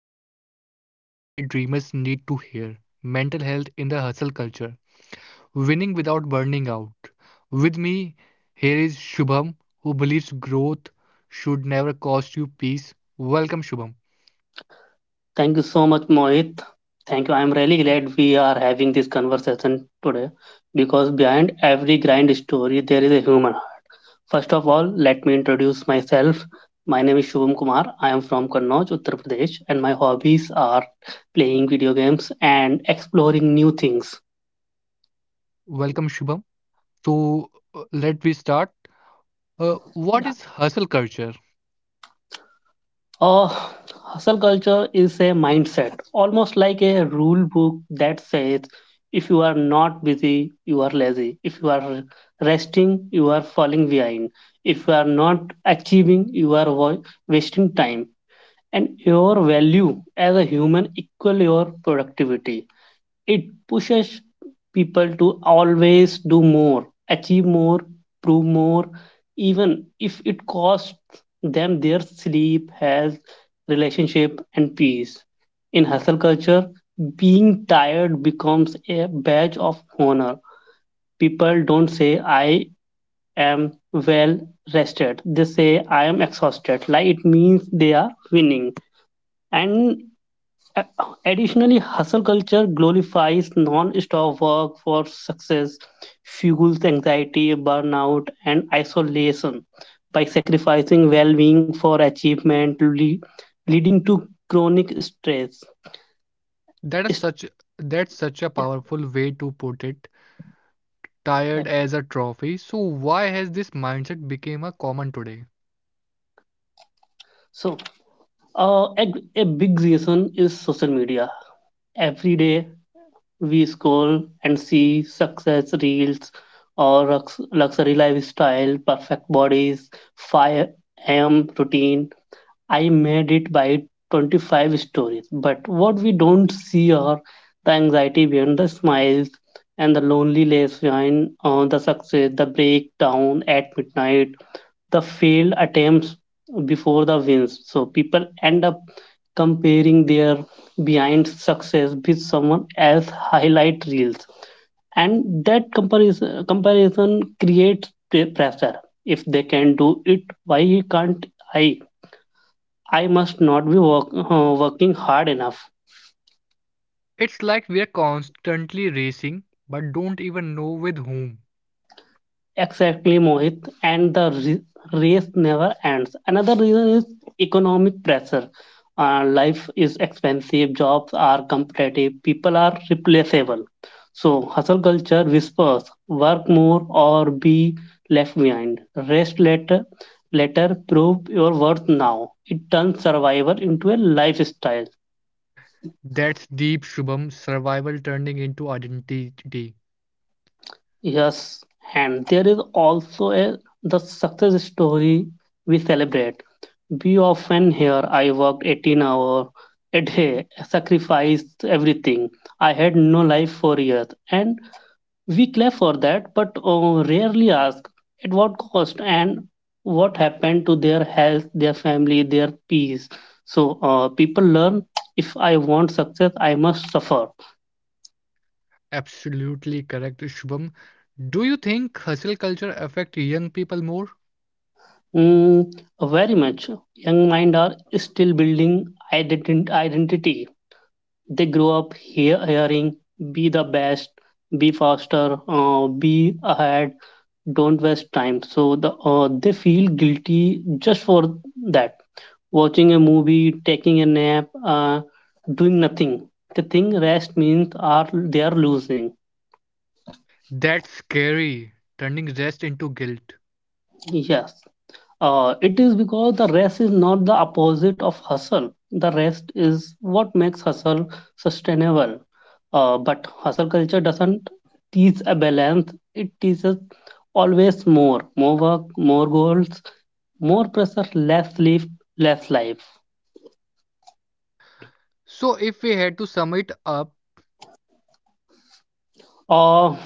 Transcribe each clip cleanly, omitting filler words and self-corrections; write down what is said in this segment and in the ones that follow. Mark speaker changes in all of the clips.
Speaker 1: Today's topic is something very dreamers need to hear mental health in the hustle culture, winning without burning out. With me, here is Shubham, who believes growth should never cost you peace. Welcome, Shubham.
Speaker 2: Thank you so much, Mohit. Thank you. I'm really glad we are having this conversation today because behind every grand story, there is a human heart. First of all, let me introduce myself. My name is Shubham Kumar. I am from Kannauj, Uttar Pradesh, and my hobbies are playing video games and exploring new things.
Speaker 1: Welcome, Shubham. So, let we start. What is hustle culture?
Speaker 2: Uh, Hustle culture is a mindset, almost like a rule book that says if you are not busy, you are lazy. If you are resting, you are falling behind. If you are not achieving, you are wasting time. And your value as a human equal your productivity. It pushes people to always do more, achieve more, prove more, even if it costs them their sleep, health, relationship, and peace. In hustle culture, being tired becomes a badge of honor. People don't say, I am well rested. They say, I am exhausted. Like it means they are winning. And a- Additionally, hustle culture glorifies non-stop work for success, fuels anxiety, burnout, and isolation by sacrificing well-being for achievement, leading to chronic stress.
Speaker 1: That is
Speaker 2: Is-
Speaker 1: such that's such a powerful way to put it tired as a trophy. So why has this mindset become a common today?
Speaker 2: So, a big reason is social media. Every day we scroll and see success reels or luxury lifestyle, perfect bodies, 5 a.m. routine I made it by 25 stories. But what we don't see are the anxiety behind the smiles and the loneliness behind the success, the breakdown at midnight, the failed attempts before the wins. So people end up comparing their behind success with someone else highlight reels, and that comparison creates pressure. If they can do it, why can't i I must not be working hard enough.
Speaker 1: It's like we are constantly racing but don't even know with whom.
Speaker 2: Exactly, Mohit. And the race never ends. Another reason is economic pressure. Life is expensive, jobs are competitive, people are replaceable. So, hustle culture whispers work more or be left behind. Rest later, later prove your worth now. It turns survival into a lifestyle.
Speaker 1: That's deep Shubham survival turning into identity.
Speaker 2: Yes, and there is also a the success story we celebrate. We often hear I worked 18 hours a day, sacrificed everything. I had no life for years. And we clap for that, but rarely ask at what cost and what happened to their health, their family, their peace. So people learn if I want success, I must suffer.
Speaker 1: Absolutely correct Shubham. Do you think hustle culture affect young people more?
Speaker 2: Mm, very much. Young mind are still building identity. They grow up hearing be the best, be faster, be ahead, don't waste time. So they feel guilty just for that. Watching a movie, taking a nap, doing nothing. They think rest means are they are losing.
Speaker 1: That's scary, turning rest into guilt.
Speaker 2: Yes. It is because the rest is not the opposite of hustle. The rest is what makes hustle sustainable. But hustle culture doesn't teach a balance, it teaches always more work, more goals, more pressure, less sleep, less life.
Speaker 1: So if we had to sum it up,
Speaker 2: Uh,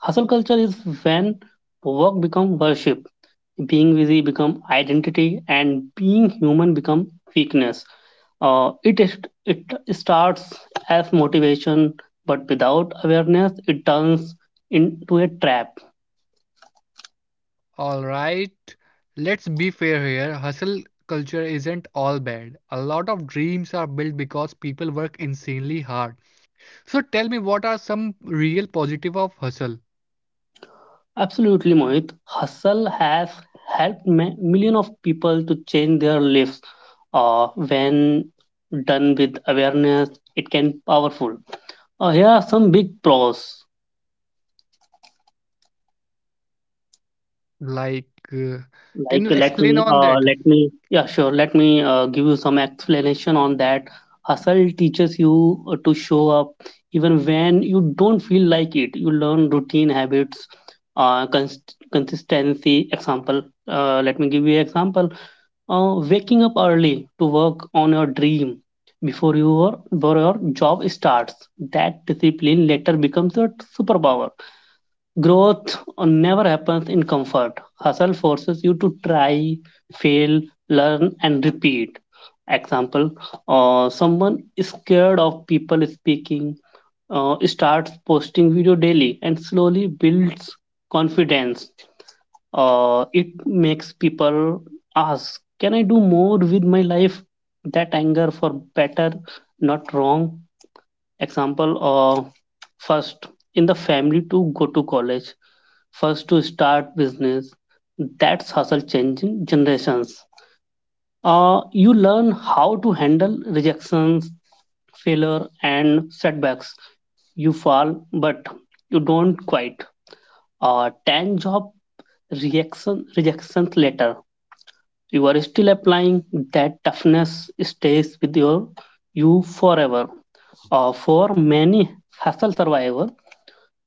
Speaker 2: Hustle culture is when work becomes worship, being busy become identity and being human become weakness. uh, it is- it starts as motivation but without awareness it turns into a trap.
Speaker 1: all right, let's be fair here. Hustle culture isn't all bad. A lot of dreams are built because people work insanely hard. So tell me, what are some real positive of hustle?
Speaker 2: Absolutely, Mohit, hustle has helped million of people to change their lives. When done with awareness it can be powerful. Here are some big pros.
Speaker 1: Like, uh, can
Speaker 2: Like
Speaker 1: you explain on that?
Speaker 2: let me yeah sure let me Give you some explanation on that. Hustle teaches you to show up even when you don't feel like it. You learn routine habits, uh, cons- consistency. Example, let me give you example. Waking up early to work on your dream before your job starts, that discipline later becomes your superpower. Growth never happens in comfort. Hustle forces you to try, fail, learn, and repeat. Example, someone is scared of people speaking, starts posting video daily, and slowly builds confidence. It makes people ask, can I do more with my life? That anger for better, not wrong. Example of first in the family to go to college, first to start business. That's hustle changing generations. You learn how to handle rejections, failure, and setbacks. You fall, but you don't quite. 10 job reaction rejections later, you are still applying. That toughness stays with you forever, or for many hustle survivor.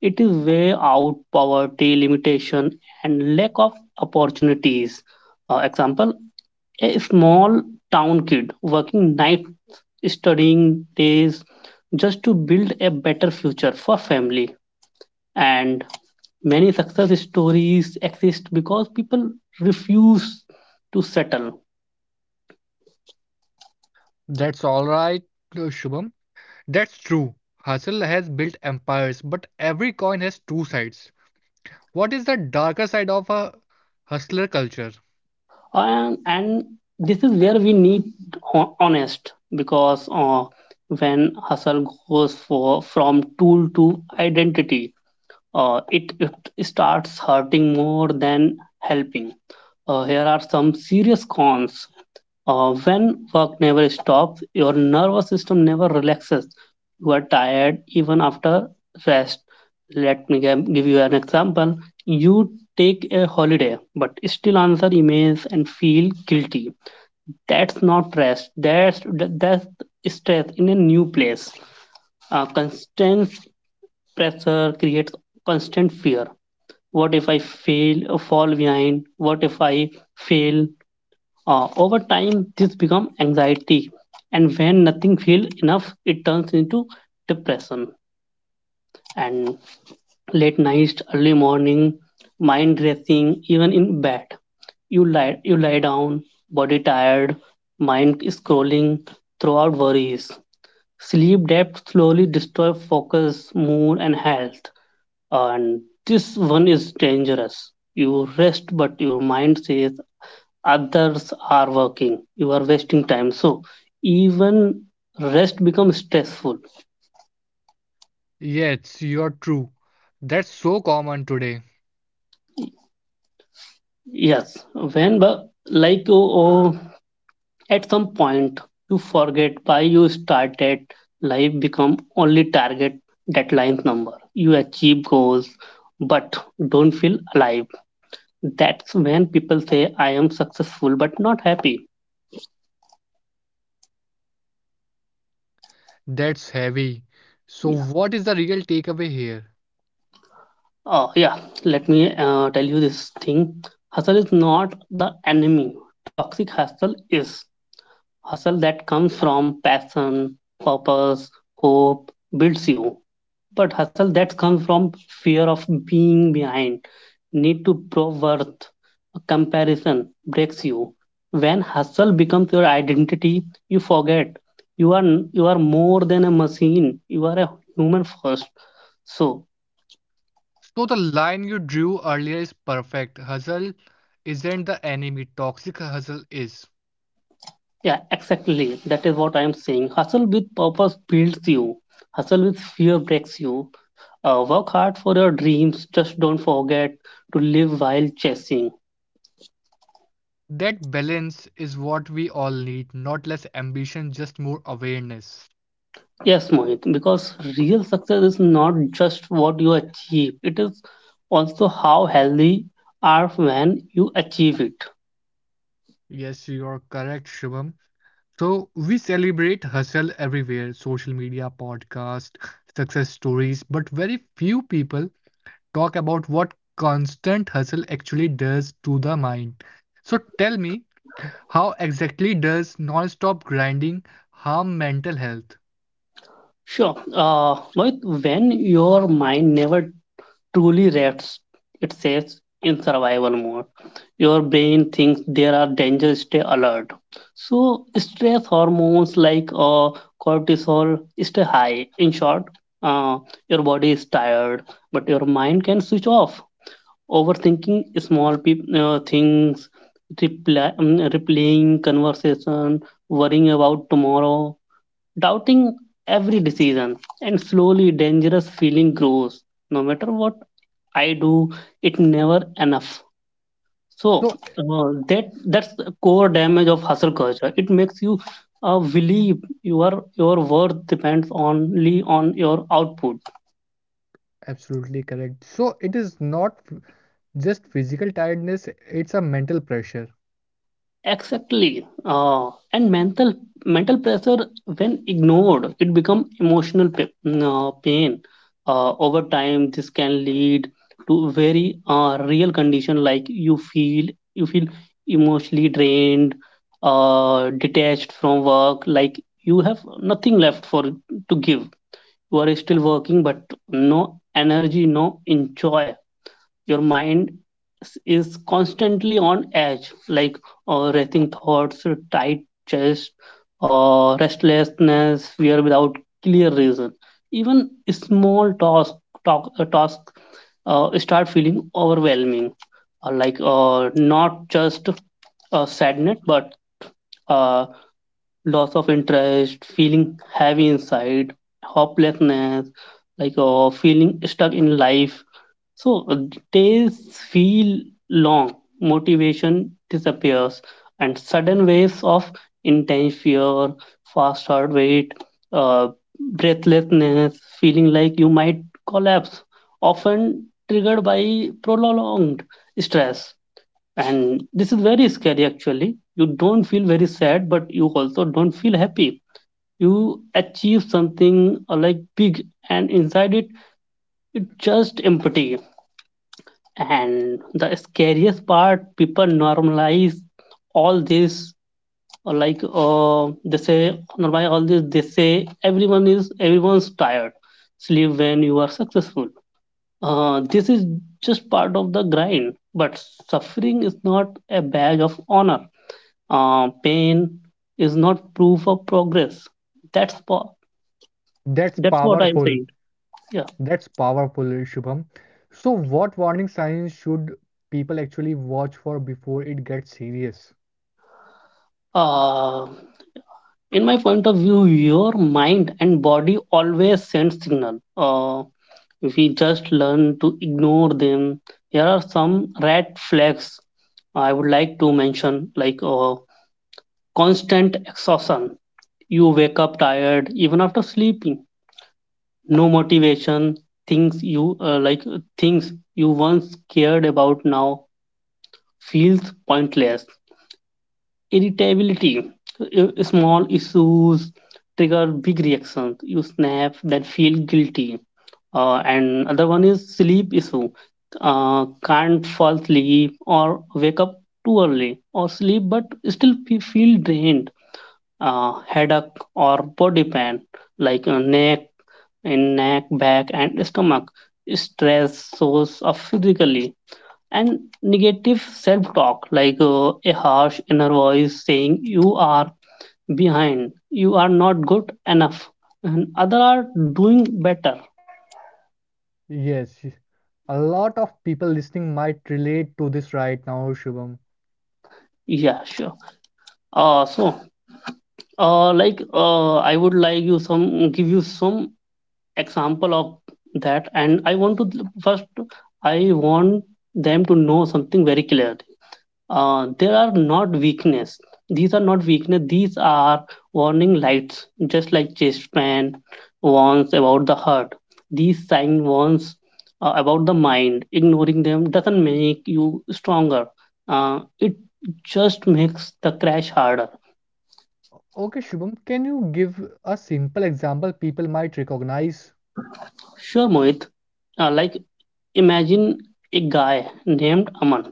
Speaker 2: It is way out poverty, limitation, and lack of opportunities. Example: a small town kid working nights, studying days, just to build a better future for family. And many success stories exist because people refuse to settle.
Speaker 1: That's all right, Shubham. That's true. Hustle has built empires, but every coin has two sides. What is the darker side of a hustler culture?
Speaker 2: And this is where we need honest, because when hustle goes for from tool to identity, uh, it, it starts hurting more than helping. Here are some serious cons. When work never stops, your nervous system never relaxes. You are tired even after rest. Let me give you an example. You take a holiday but still answer emails and feel guilty. That's not rest. That's stress in a new place. Constant pressure creates constant fear. What if I fail, fall behind? What if I fail? Over time, this becomes anxiety, and when nothing feels enough, it turns into depression. And late nights, early morning, mind racing, even in bed. You lie down, body tired, mind scrolling, throughout worries. Sleep debt slowly destroys focus, mood, and health. And this one is dangerous. You rest, but your mind says, others are working, you are wasting time, so even rest becomes stressful.
Speaker 1: Yes, you're true. That's so common today.
Speaker 2: Yes, when but like oh, oh, at some point you forget why you started. Life become only target, deadlines, number you achieve goals, but don't feel alive. That's when people say I am successful but not happy.
Speaker 1: That's heavy. So, what is the real takeaway here?
Speaker 2: Oh, yeah. Let me tell you this thing. Hustle is not the enemy. Toxic hustle is. Hustle that comes from passion, purpose, hope, builds you. But hustle that comes from fear of being behind, need to prove worth, comparison breaks you. When hustle becomes your identity, you forget you are you are more than a machine. You are a human first. So
Speaker 1: So, the line you drew earlier is perfect. Hustle isn't the enemy, toxic hustle is.
Speaker 2: yeah, exactly. That is what I am saying. Hustle with purpose builds you. Hustle with fear breaks you. Work hard for your dreams. Just don't forget to live while chasing.
Speaker 1: That balance is what we all need, not less ambition, just more awareness.
Speaker 2: Yes, Mohit, because real success is not just what you achieve, it is also how healthy are when you achieve it.
Speaker 1: Yes, you are correct, Shubham. So, we celebrate hustle everywhere social media, podcast, success stories, but very few people talk about what constant hustle actually does to the mind. So, tell me. How exactly does non-stop grinding harm mental health?
Speaker 2: Sure. Mohit, when your mind never truly rests, it says, in survival mode. Your brain thinks there are dangers, stay alert. So, stress hormones like cortisol stay high. In short, uh, your body is tired, but your mind can switch off. Overthinking small peop things, replaying conversation, worrying about tomorrow, doubting every decision, and slowly dangerous feeling grows. No matter what I do, it never enough. So
Speaker 1: So,
Speaker 2: that's the core damage of hustle culture. It makes you believe your worth depends only on your output.
Speaker 1: absolutely correct. So, it is not just physical tiredness, it's a mental pressure.
Speaker 2: Exactly. And mental pressure, when ignored, it become emotional pain. Over time, this can lead to very real condition, like you feel emotionally drained, detached from work, like you have nothing left for to give. You are still working, but no energy, no enjoy. Your mind is constantly on edge, like racing thoughts, tight chest, restlessness, fear without clear reason. Even small task start feeling overwhelming, not just sadness, but uh, loss of interest, feeling heavy inside, hopelessness, like feeling stuck in life. So days feel long, motivation disappears, and sudden waves of intense fear, fast heart rate, uh, breathlessness, feeling like you might collapse, often triggered by prolonged stress. And this is very scary actually. You don't feel very sad, but you also don't feel happy. You achieve something like big, and inside it, just empty. And the scariest part, people normalize all this, or like they say normalize all this. They say everyone is everyone's tired, sleep when you are successful. This is just part of the grind, but suffering is not a badge of honor. Pain is not proof of progress. that's po-
Speaker 1: That's
Speaker 2: that's what I'm
Speaker 1: powerful.
Speaker 2: saying. Yeah.
Speaker 1: That's powerful, Shubham. So, what warning signs should people actually watch for before it gets serious?
Speaker 2: uh, in my point of view, your mind and body always send signal. We just learn to ignore them. Here are some red flags I would like to mention, like constant exhaustion, you wake up tired even after sleeping. No motivation, things you uh, like things you once cared about now feels pointless. Irritability, small issues trigger big reactions, you snap then feel guilty. And other one is sleep issue. Can't fall asleep or wake up too early or sleep but still feel drained. Headache or body pain, like neck, back, and stomach. Stress source of physically. And negative self talk, like a harsh inner voice saying you are behind, you are not good enough, and other are doing better.
Speaker 1: Yes, a lot of people listening might relate to this right now, Shubham.
Speaker 2: Yeah, sure. Uh, so, like, I would like you some give you some example of that, and I want to first, I want them to know something very clear. There are not weakness These are not weakness, these are warning lights, just like chest pain warns about the heart. These sign warns about the mind. Ignoring them doesn't make you stronger. It just makes the crash harder.
Speaker 1: Okay, Shubham, can you give a simple example people might recognize?
Speaker 2: Sure, Mohit. Like, imagine a guy named Aman.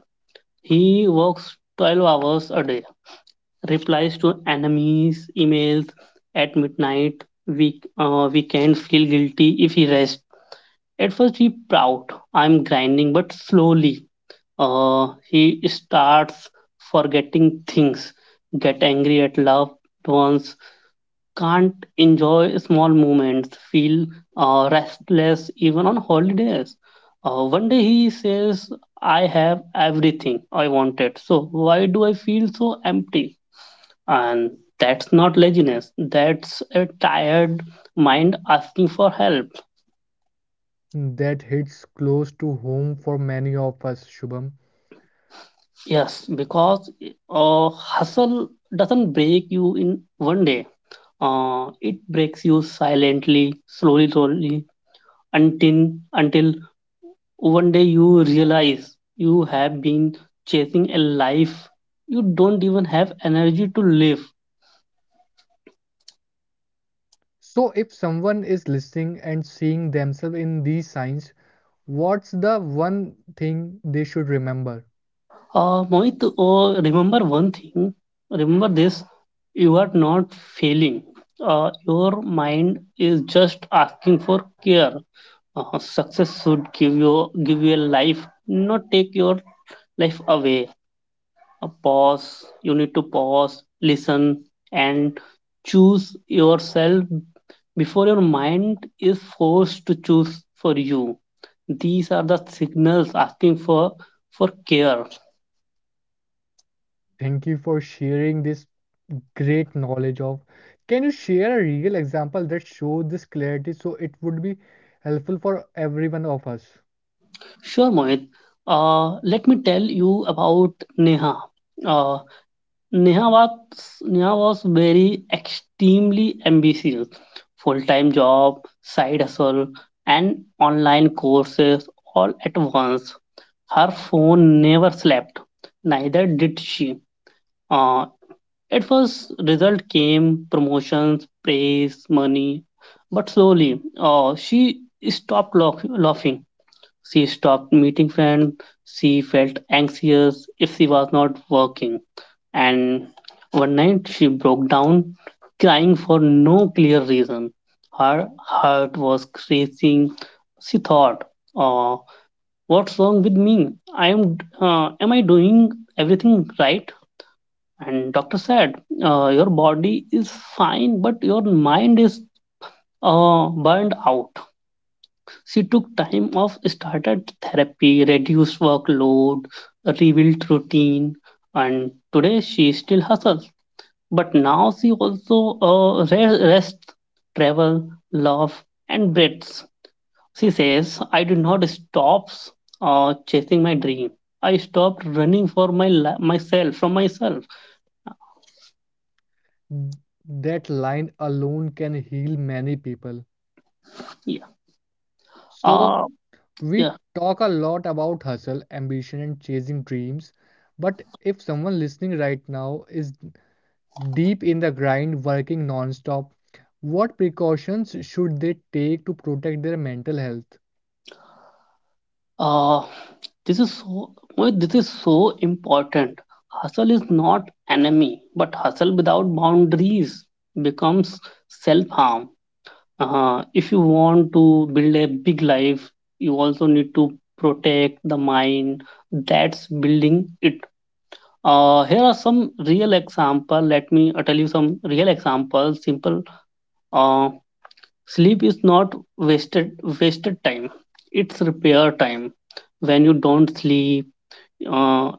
Speaker 2: He works 12 hours a day, replies to enemies' emails at midnight. We can feel guilty if he rests. At first, he proud, I'm grinding, but slowly he starts forgetting things, get angry at loved ones, can't enjoy small moments, feel restless even on holidays. One day he says, I have everything I wanted, so why do I feel so empty? And that's not laziness, that's a tired mind asking for help.
Speaker 1: That hits close to home for many of us, Shubham.
Speaker 2: Yes, because hustle doesn't break you in one day. It breaks you silently, slowly, slowly, until one day you realize you have been chasing a life you don't even have energy to live.
Speaker 1: So, if someone is listening and seeing themselves in these signs, what's the one thing they should remember?
Speaker 2: Mohit, remember one thing. Remember this. You are not failing. Your mind is just asking for care. Success should give you a life, not take your life away. A pause. You need to pause, listen, and choose yourself before your mind is forced to choose for you. These are the signals asking for care.
Speaker 1: Thank you for sharing this great knowledge of. Can you share a real example that shows this clarity so it would be helpful for every one of us?
Speaker 2: Sure, Mohit. Let me tell you about Neha. Uh, Neha was Neha was very extremely ambitious. Full-time job, side hustle, and online courses all at once. Her phone never slept. Neither did she. Uh, at first, result came promotions, praise, money, but slowly, she stopped laughing. She stopped meeting friends. She felt anxious if she was not working. And one night she broke down, crying for no clear reason. Her heart was racing. She thought, uh, "What's wrong with me? I am. Am I doing everything right?" And doctor said, "Your body is fine, but your mind is burned out." She took time off, started therapy, reduced workload, rebuilt routine, and today she still hustles. But now she also rests, travel, love, and breathes. She says, I did not stop chasing my dream. I stopped running for myself from myself.
Speaker 1: That line alone can heal many people.
Speaker 2: Yeah. Uh,
Speaker 1: So,
Speaker 2: yeah.
Speaker 1: we talk a lot about hustle, ambition, and chasing dreams, but if someone listening right now is deep in the grind, working non-stop, what precautions should they take to protect their mental health?
Speaker 2: Uh, this is so important. Hustle is not enemy, but hustle without boundaries becomes self harm. If you want to build a big life, you also need to protect the mind that's building it. Here are some real example. Let me tell you some real examples. Simple. Uh, Sleep is not wasted time. It's repair time. When you don't sleep, uh,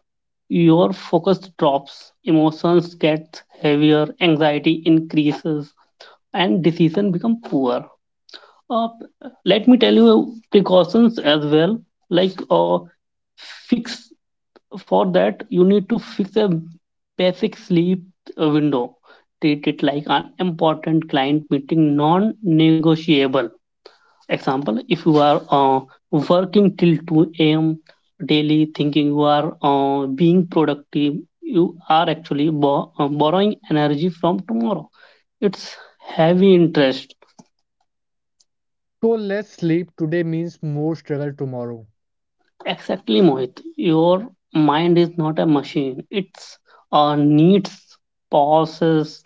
Speaker 2: your focus drops, emotions get heavier, anxiety increases, and decision become poor. Uh, Let me tell you precautions as well. Like, fix for that, you need to fix a basic sleep window. Treat it like an important client meeting, non-negotiable. Example, if you are working till 2 a.m. daily, thinking you are being productive, you are actually borrowing energy from tomorrow. It's heavy interest.
Speaker 1: So less sleep today means more struggle tomorrow.
Speaker 2: Exactly, Mohit. Your mind is not a machine. It's needs pauses,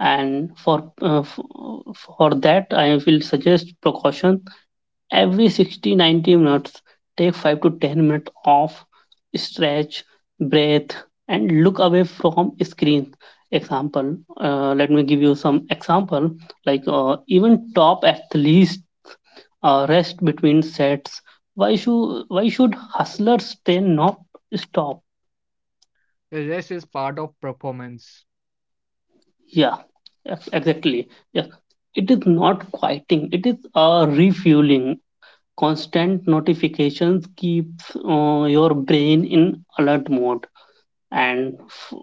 Speaker 2: and for for that, I will suggest precaution every 60 to 90 minutes, take 5 to 10 minutes off, stretch, breathe, and look away from screen. Example Let me give you some example. Like, even top athletes rest between sets. Why should hustlers stay not stop?
Speaker 1: Rest is part of performance.
Speaker 2: Yeah, exactly, yeah. It is not quieting, it is a refueling. Constant notifications keeps your brain in alert mode. And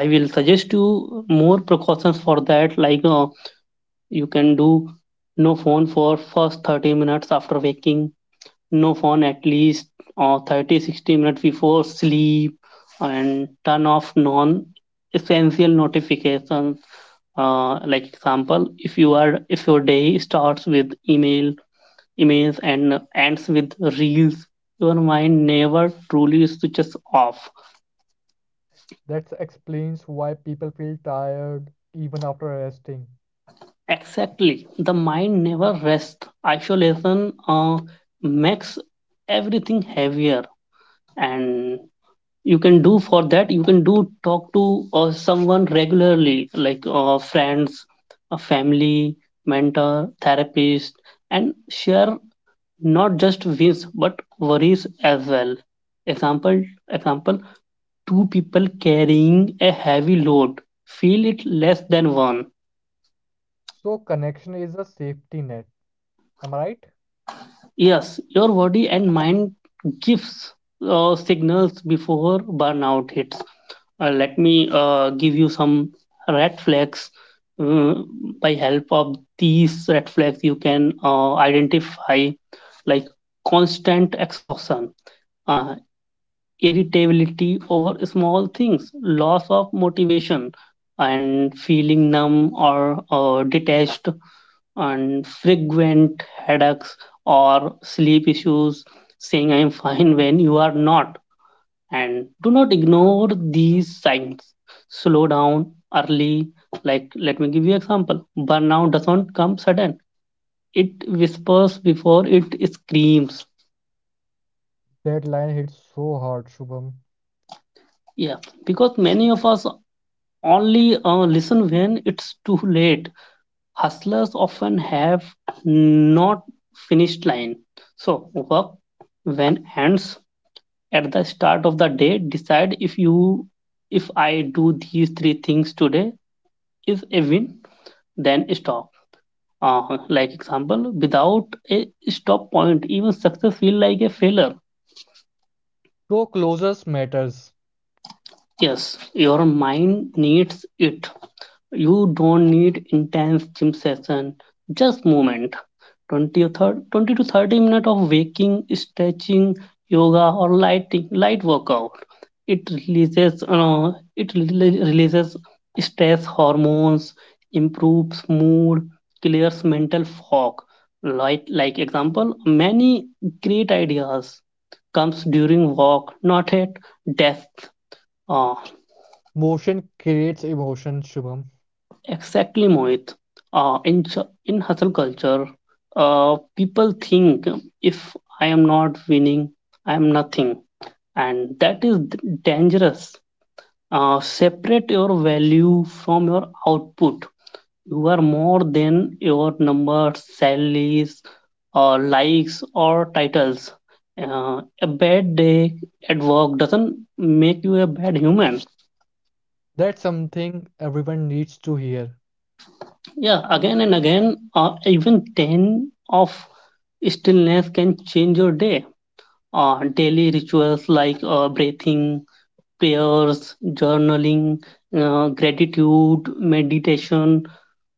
Speaker 2: I will suggest you more precautions for that. Like, you can do no phone for first 30 minutes after waking, no phone at least 30 60 minutes before sleep, and turn off non essential notifications. Like, example, if your day starts with email image and ends with reels. Your mind never truly switches off.
Speaker 1: That explains why people feel tired even after resting.
Speaker 2: Exactly. The mind never rests. Isolation makes everything heavier. And you can do for that, you can do talk to someone regularly, like, friends, a family, mentor, therapist, and share not just wins but worries as well. Example Example, two people carrying a heavy load feel it less than one.
Speaker 1: So connection is a safety net. Am I right?
Speaker 2: Yes, your body and mind gives signals before burnout hits. Let me give you some red flags. Uh, by help of these red flags you can identify. Like, constant exhaustion, uh, irritability over small things, loss of motivation, and feeling numb or detached, and frequent headaches or sleep issues, saying I'm fine when you are not. And do not ignore these signs. Slow down early. Like, let me give you example. Burnout doesn't come sudden. It whispers before it screams.
Speaker 1: That line hits so hard, Shubham.
Speaker 2: Yeah, because many of us only listen when it's too late. Hustlers often have not finished line. So work when ends at the start of the day. Decide, if I do these three things today is a win. Then stop. Like, example, without a stop point, even success feel like a failure.
Speaker 1: No closures matters.
Speaker 2: Yes, your mind needs it. You don't need intense gym session, just movement. 20 or 30, 20 to 30 minutes of waking, stretching, yoga or lighting, light workout. It releases releases stress hormones, improves mood, clears mental fog. Like, example, many great ideas comes during walk, not at desk.
Speaker 1: Motion creates emotion, Shubham.
Speaker 2: Exactly, Mohit. In hustle culture, people think, if I am not winning, I am nothing, and that is dangerous. Separate your value from your output. You are more than your numbers, salaries, or likes or titles. A bad day at work doesn't make you a bad human.
Speaker 1: That's something everyone needs to hear.
Speaker 2: Yeah, again and again, even 10 of stillness can change your day. Daily rituals, like, breathing, prayers, journaling, gratitude, meditation.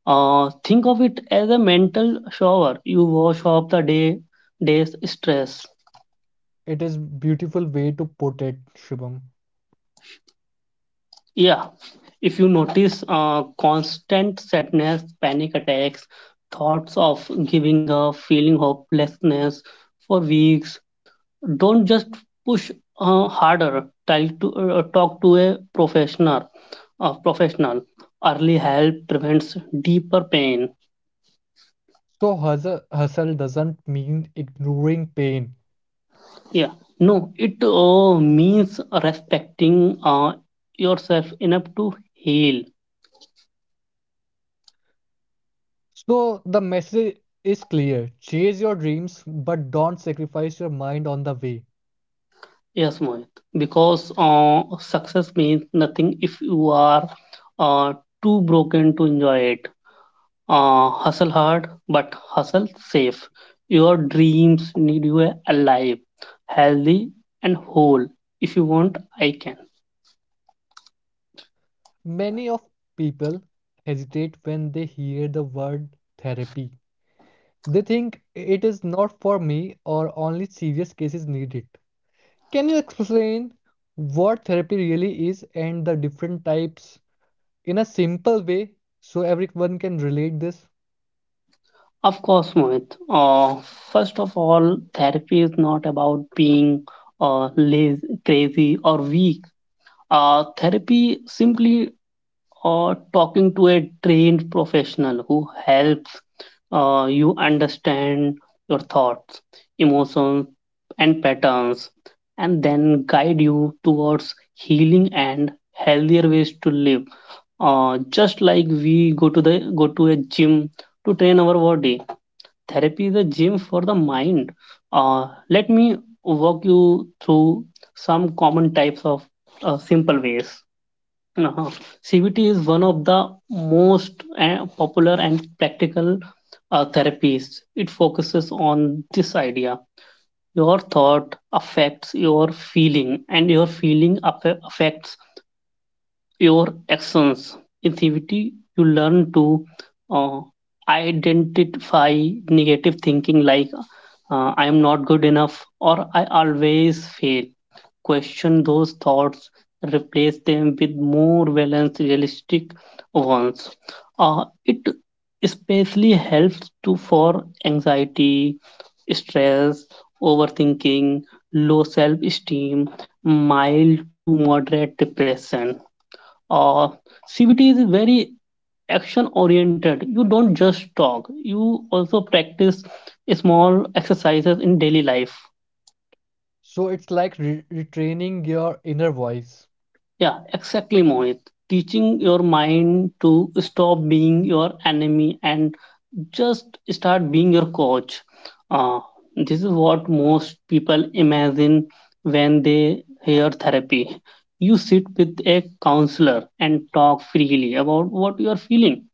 Speaker 2: Think of it as a mental shower. You wash off the day's stress.
Speaker 1: It is beautiful way to put it, Shubham.
Speaker 2: Yeah, if you notice constant sadness, panic attacks, thoughts of giving up, feeling hopelessness for weeks, don't just push harder. Try to talk to a professional. Early help prevents deeper pain.
Speaker 1: So hustle doesn't mean ignoring pain.
Speaker 2: Yeah, no, it means respecting yourself enough to heal.
Speaker 1: So the message is clear. Chase your dreams, but don't sacrifice your mind on the way.
Speaker 2: Yes, Mohit, because success means nothing if you are uh, too broken to enjoy it. Hustle hard, but hustle safe. Your dreams need you alive, healthy, and whole. If you want, I can.
Speaker 1: Many of people hesitate when they hear the word therapy. They think it is not for me or only serious cases need it. Can you explain what therapy really is and the different types in a simple way so everyone can relate this?
Speaker 2: Of course, Mohit. First of all, therapy is not about being lazy, crazy, or weak. Therapy simply or talking to a trained professional who helps you understand your thoughts, emotions, and patterns, and then guide you towards healing and healthier ways to live. Just like we go to a gym to train our body, therapy is a gym for the mind. Let me walk you through some common types of simple ways. Uh-huh. CBT is one of the most popular and practical therapies. It focuses on this idea, your thought affects your feeling, and your feeling affects your actions. In CBT, you learn to uh, identify negative thinking, like, I am not good enough, or I always fail. Question those thoughts, replace them with more balanced, realistic ones. It especially helps to for anxiety, stress, overthinking, low self-esteem, mild to moderate depression. uh, CBT is very action oriented. You don't just talk, you also practice small exercises in daily life.
Speaker 1: So it's like retraining your inner voice.
Speaker 2: Yeah, exactly, Mohit. Teaching your mind to stop being your enemy and just start being your coach. Uh, this is what most people imagine when they hear therapy. You sit with a counselor and talk freely about what you are feeling,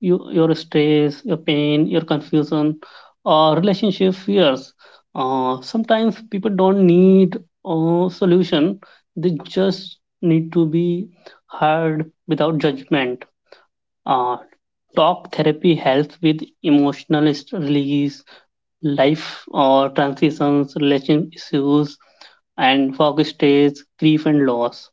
Speaker 2: you, your stress, your pain, your confusion, or relationship fears. Sometimes people don't need a solution, they just need to be heard without judgment. Uh, Talk therapy helps with release, life or transitions, relation issues, and work stress, grief, and loss.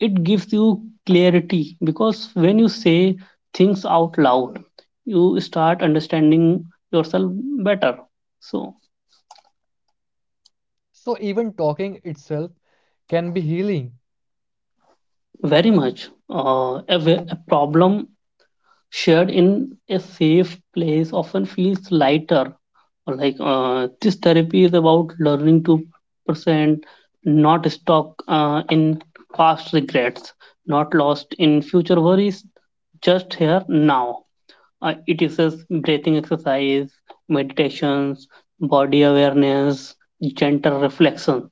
Speaker 2: It gives you clarity because when you say things out loud you start understanding yourself better. So
Speaker 1: So even talking itself can be healing.
Speaker 2: very much a problem shared in a safe place often feels lighter. Like, this therapy is about learning to present, not stuck in past regrets, not lost in future worries, just here now. It is a breathing exercise, meditations, body awareness, gentle reflections.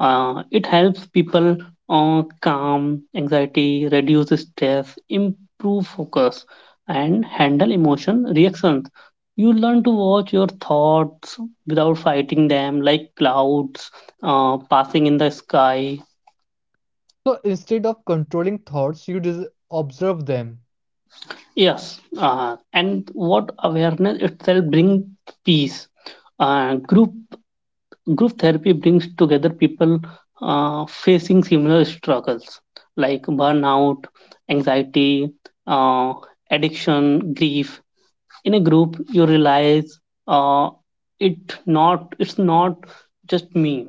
Speaker 2: It helps people calm anxiety, reduce stress, improve focus, and handle emotion reactions. You learn to watch your thoughts without fighting them, like clouds passing in the sky.
Speaker 1: So instead of controlling thoughts, you observe them.
Speaker 2: Yes, and what awareness itself brings peace. Uh, group Group therapy brings together people facing similar struggles, like burnout, anxiety, uh, addiction, grief. In a group, you realize uh, it's not just me.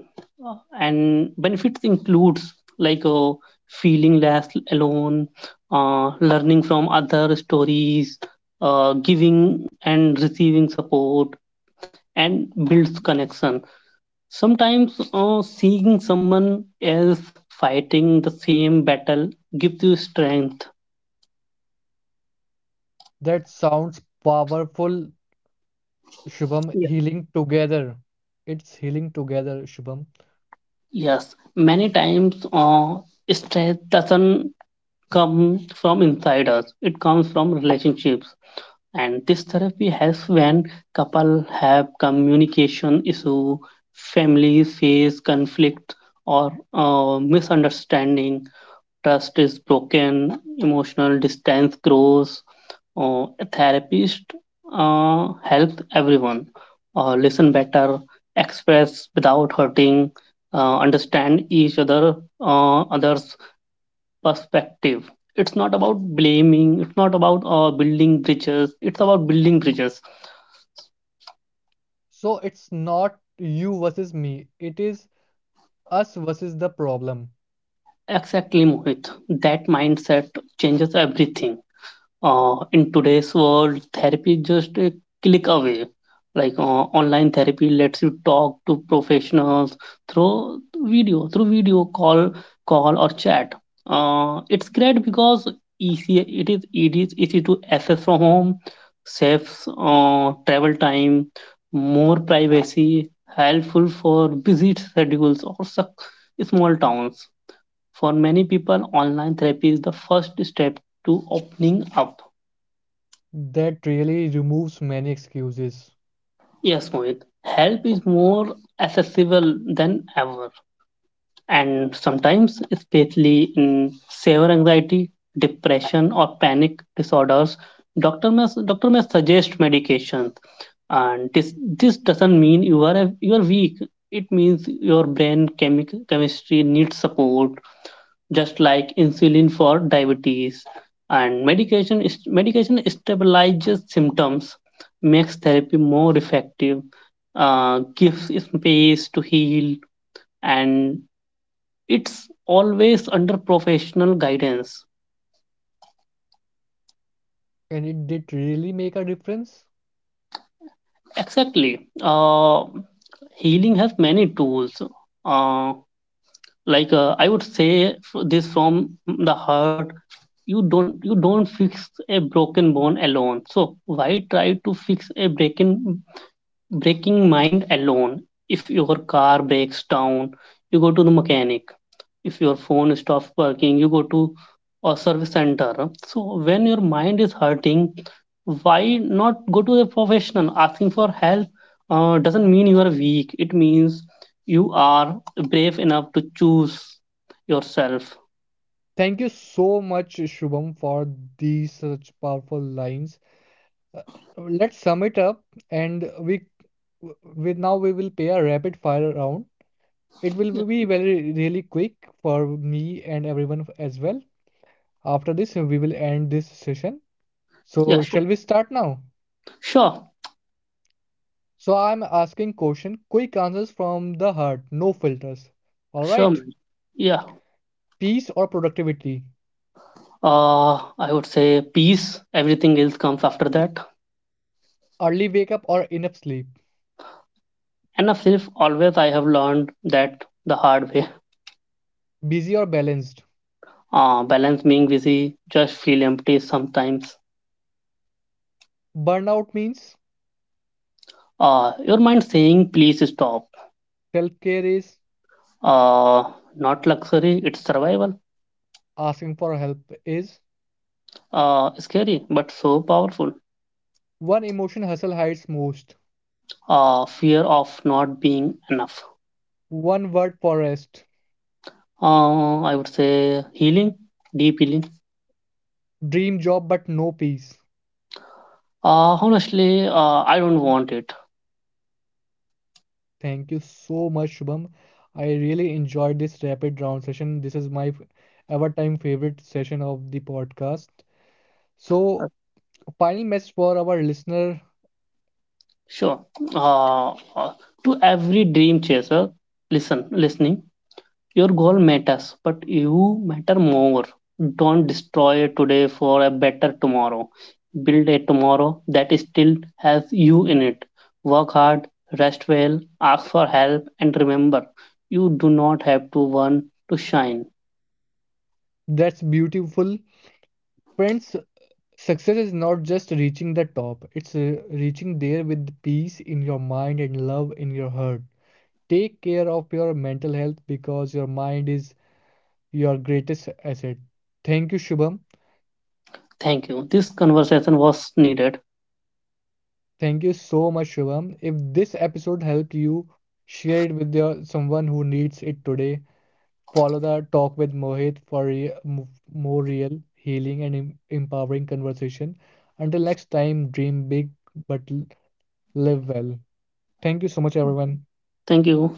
Speaker 2: Uh, and benefits includes, like, feeling less alone, learning from other stories, giving and receiving support, and builds connection. Sometimes seeing someone else fighting the same battle gives you strength.
Speaker 1: That sounds powerful, Shubham.
Speaker 2: Yeah.
Speaker 1: Healing together. It's healing together, Shubham.
Speaker 2: Yes, many times stress doesn't come from inside us, it comes from relationships. And this therapy helps when couple have communication issue, families face conflict or misunderstanding, trust is broken, emotional distance grows. A therapist helps everyone listen better, express without hurting, understand each other's perspective. It's not about blaming. It's not about building bridges. It's about building bridges.
Speaker 1: So it's not you versus me, it is us versus the problem.
Speaker 2: Exactly, Mohit. That mindset changes everything. In today's world, therapy is just a click away. Like, online therapy lets you talk to professionals through video call or chat. It's great because easy it is easy to access from home, saves travel time, more privacy, helpful for busy schedules or small towns. For many people, online therapy is the first step to opening up.
Speaker 1: That really removes many excuses.
Speaker 2: Yes, Mohit. Help is more accessible than ever, and sometimes, especially in severe anxiety, depression, or panic disorders, doctor may suggest medications. And this doesn't mean you are weak. It means your brain chemistry needs support, just like insulin for diabetes. And medication stabilizes symptoms, makes therapy more effective, gives space to heal, and it's always under professional guidance.
Speaker 1: And it did really make a difference.
Speaker 2: Exactly. Healing has many tools. Uh, like, I would say this from the heart. You don't fix a broken bone alone, so why try to fix a breaking mind alone? If your car breaks down, you go to the mechanic. If your phone stops working, you go to a service center. So when your mind is hurting, why not go to a professional? Asking for help doesn't mean you are weak, it means you are brave enough to choose yourself.
Speaker 1: Thank you so much, Shubham, for these such powerful lines. Uh, let's sum it up, and we now we will play a rapid fire round. It
Speaker 2: Yeah,
Speaker 1: will be very really quick for me and everyone as well. After this, we will end this session.
Speaker 2: yeah.
Speaker 1: So,
Speaker 2: Sure.
Speaker 1: shall we start now?
Speaker 2: Sure.
Speaker 1: So, I'm asking question, quick answers from the heart, no filters. All
Speaker 2: Sure,
Speaker 1: right.
Speaker 2: man. Yeah.
Speaker 1: Peace or productivity,
Speaker 2: uh, I would say peace. Everything else comes after that.
Speaker 1: early wake up or enough sleep,
Speaker 2: And of self, always. I have learned that the hard way.
Speaker 1: busy or balanced.
Speaker 2: Balance. Being busy just feel empty sometimes.
Speaker 1: Burnout means
Speaker 2: Your mind saying, please stop.
Speaker 1: self care is
Speaker 2: Uh, Not luxury, it's survival.
Speaker 1: asking for help is
Speaker 2: Scary, but so powerful.
Speaker 1: one emotion hustle hides most,
Speaker 2: Fear of not being enough.
Speaker 1: one word for rest,
Speaker 2: I would say healing, deep healing.
Speaker 1: dream job but no peace.
Speaker 2: Honestly, I don't want it.
Speaker 1: Thank you so much, Shubham. I really enjoyed this rapid round session. This is my ever time favorite session of the podcast. So,
Speaker 2: Uh,
Speaker 1: final message for our listener
Speaker 2: Sure. Uh, uh, to every dream chaser, listen, listening. Your goal matters, but you matter more. Don't destroy today for a better tomorrow. Build a tomorrow that still has you in it. Work hard, rest well, ask for help, and remember you do not have to want to shine.
Speaker 1: that's beautiful. Friends, success is not just reaching the top, it's reaching there with peace in your mind and love in your heart. Take care of your mental health because your mind is your greatest asset. Thank you, Shubham.
Speaker 2: Thank you. This conversation was needed.
Speaker 1: Thank you so much, Shubham. If this episode helped you, share it with your, someone who needs it today. Follow the Talk with Mohit for more real, healing, and empowering conversation. Until next time, dream big but live well. Thank you so much, everyone.
Speaker 2: Thank you.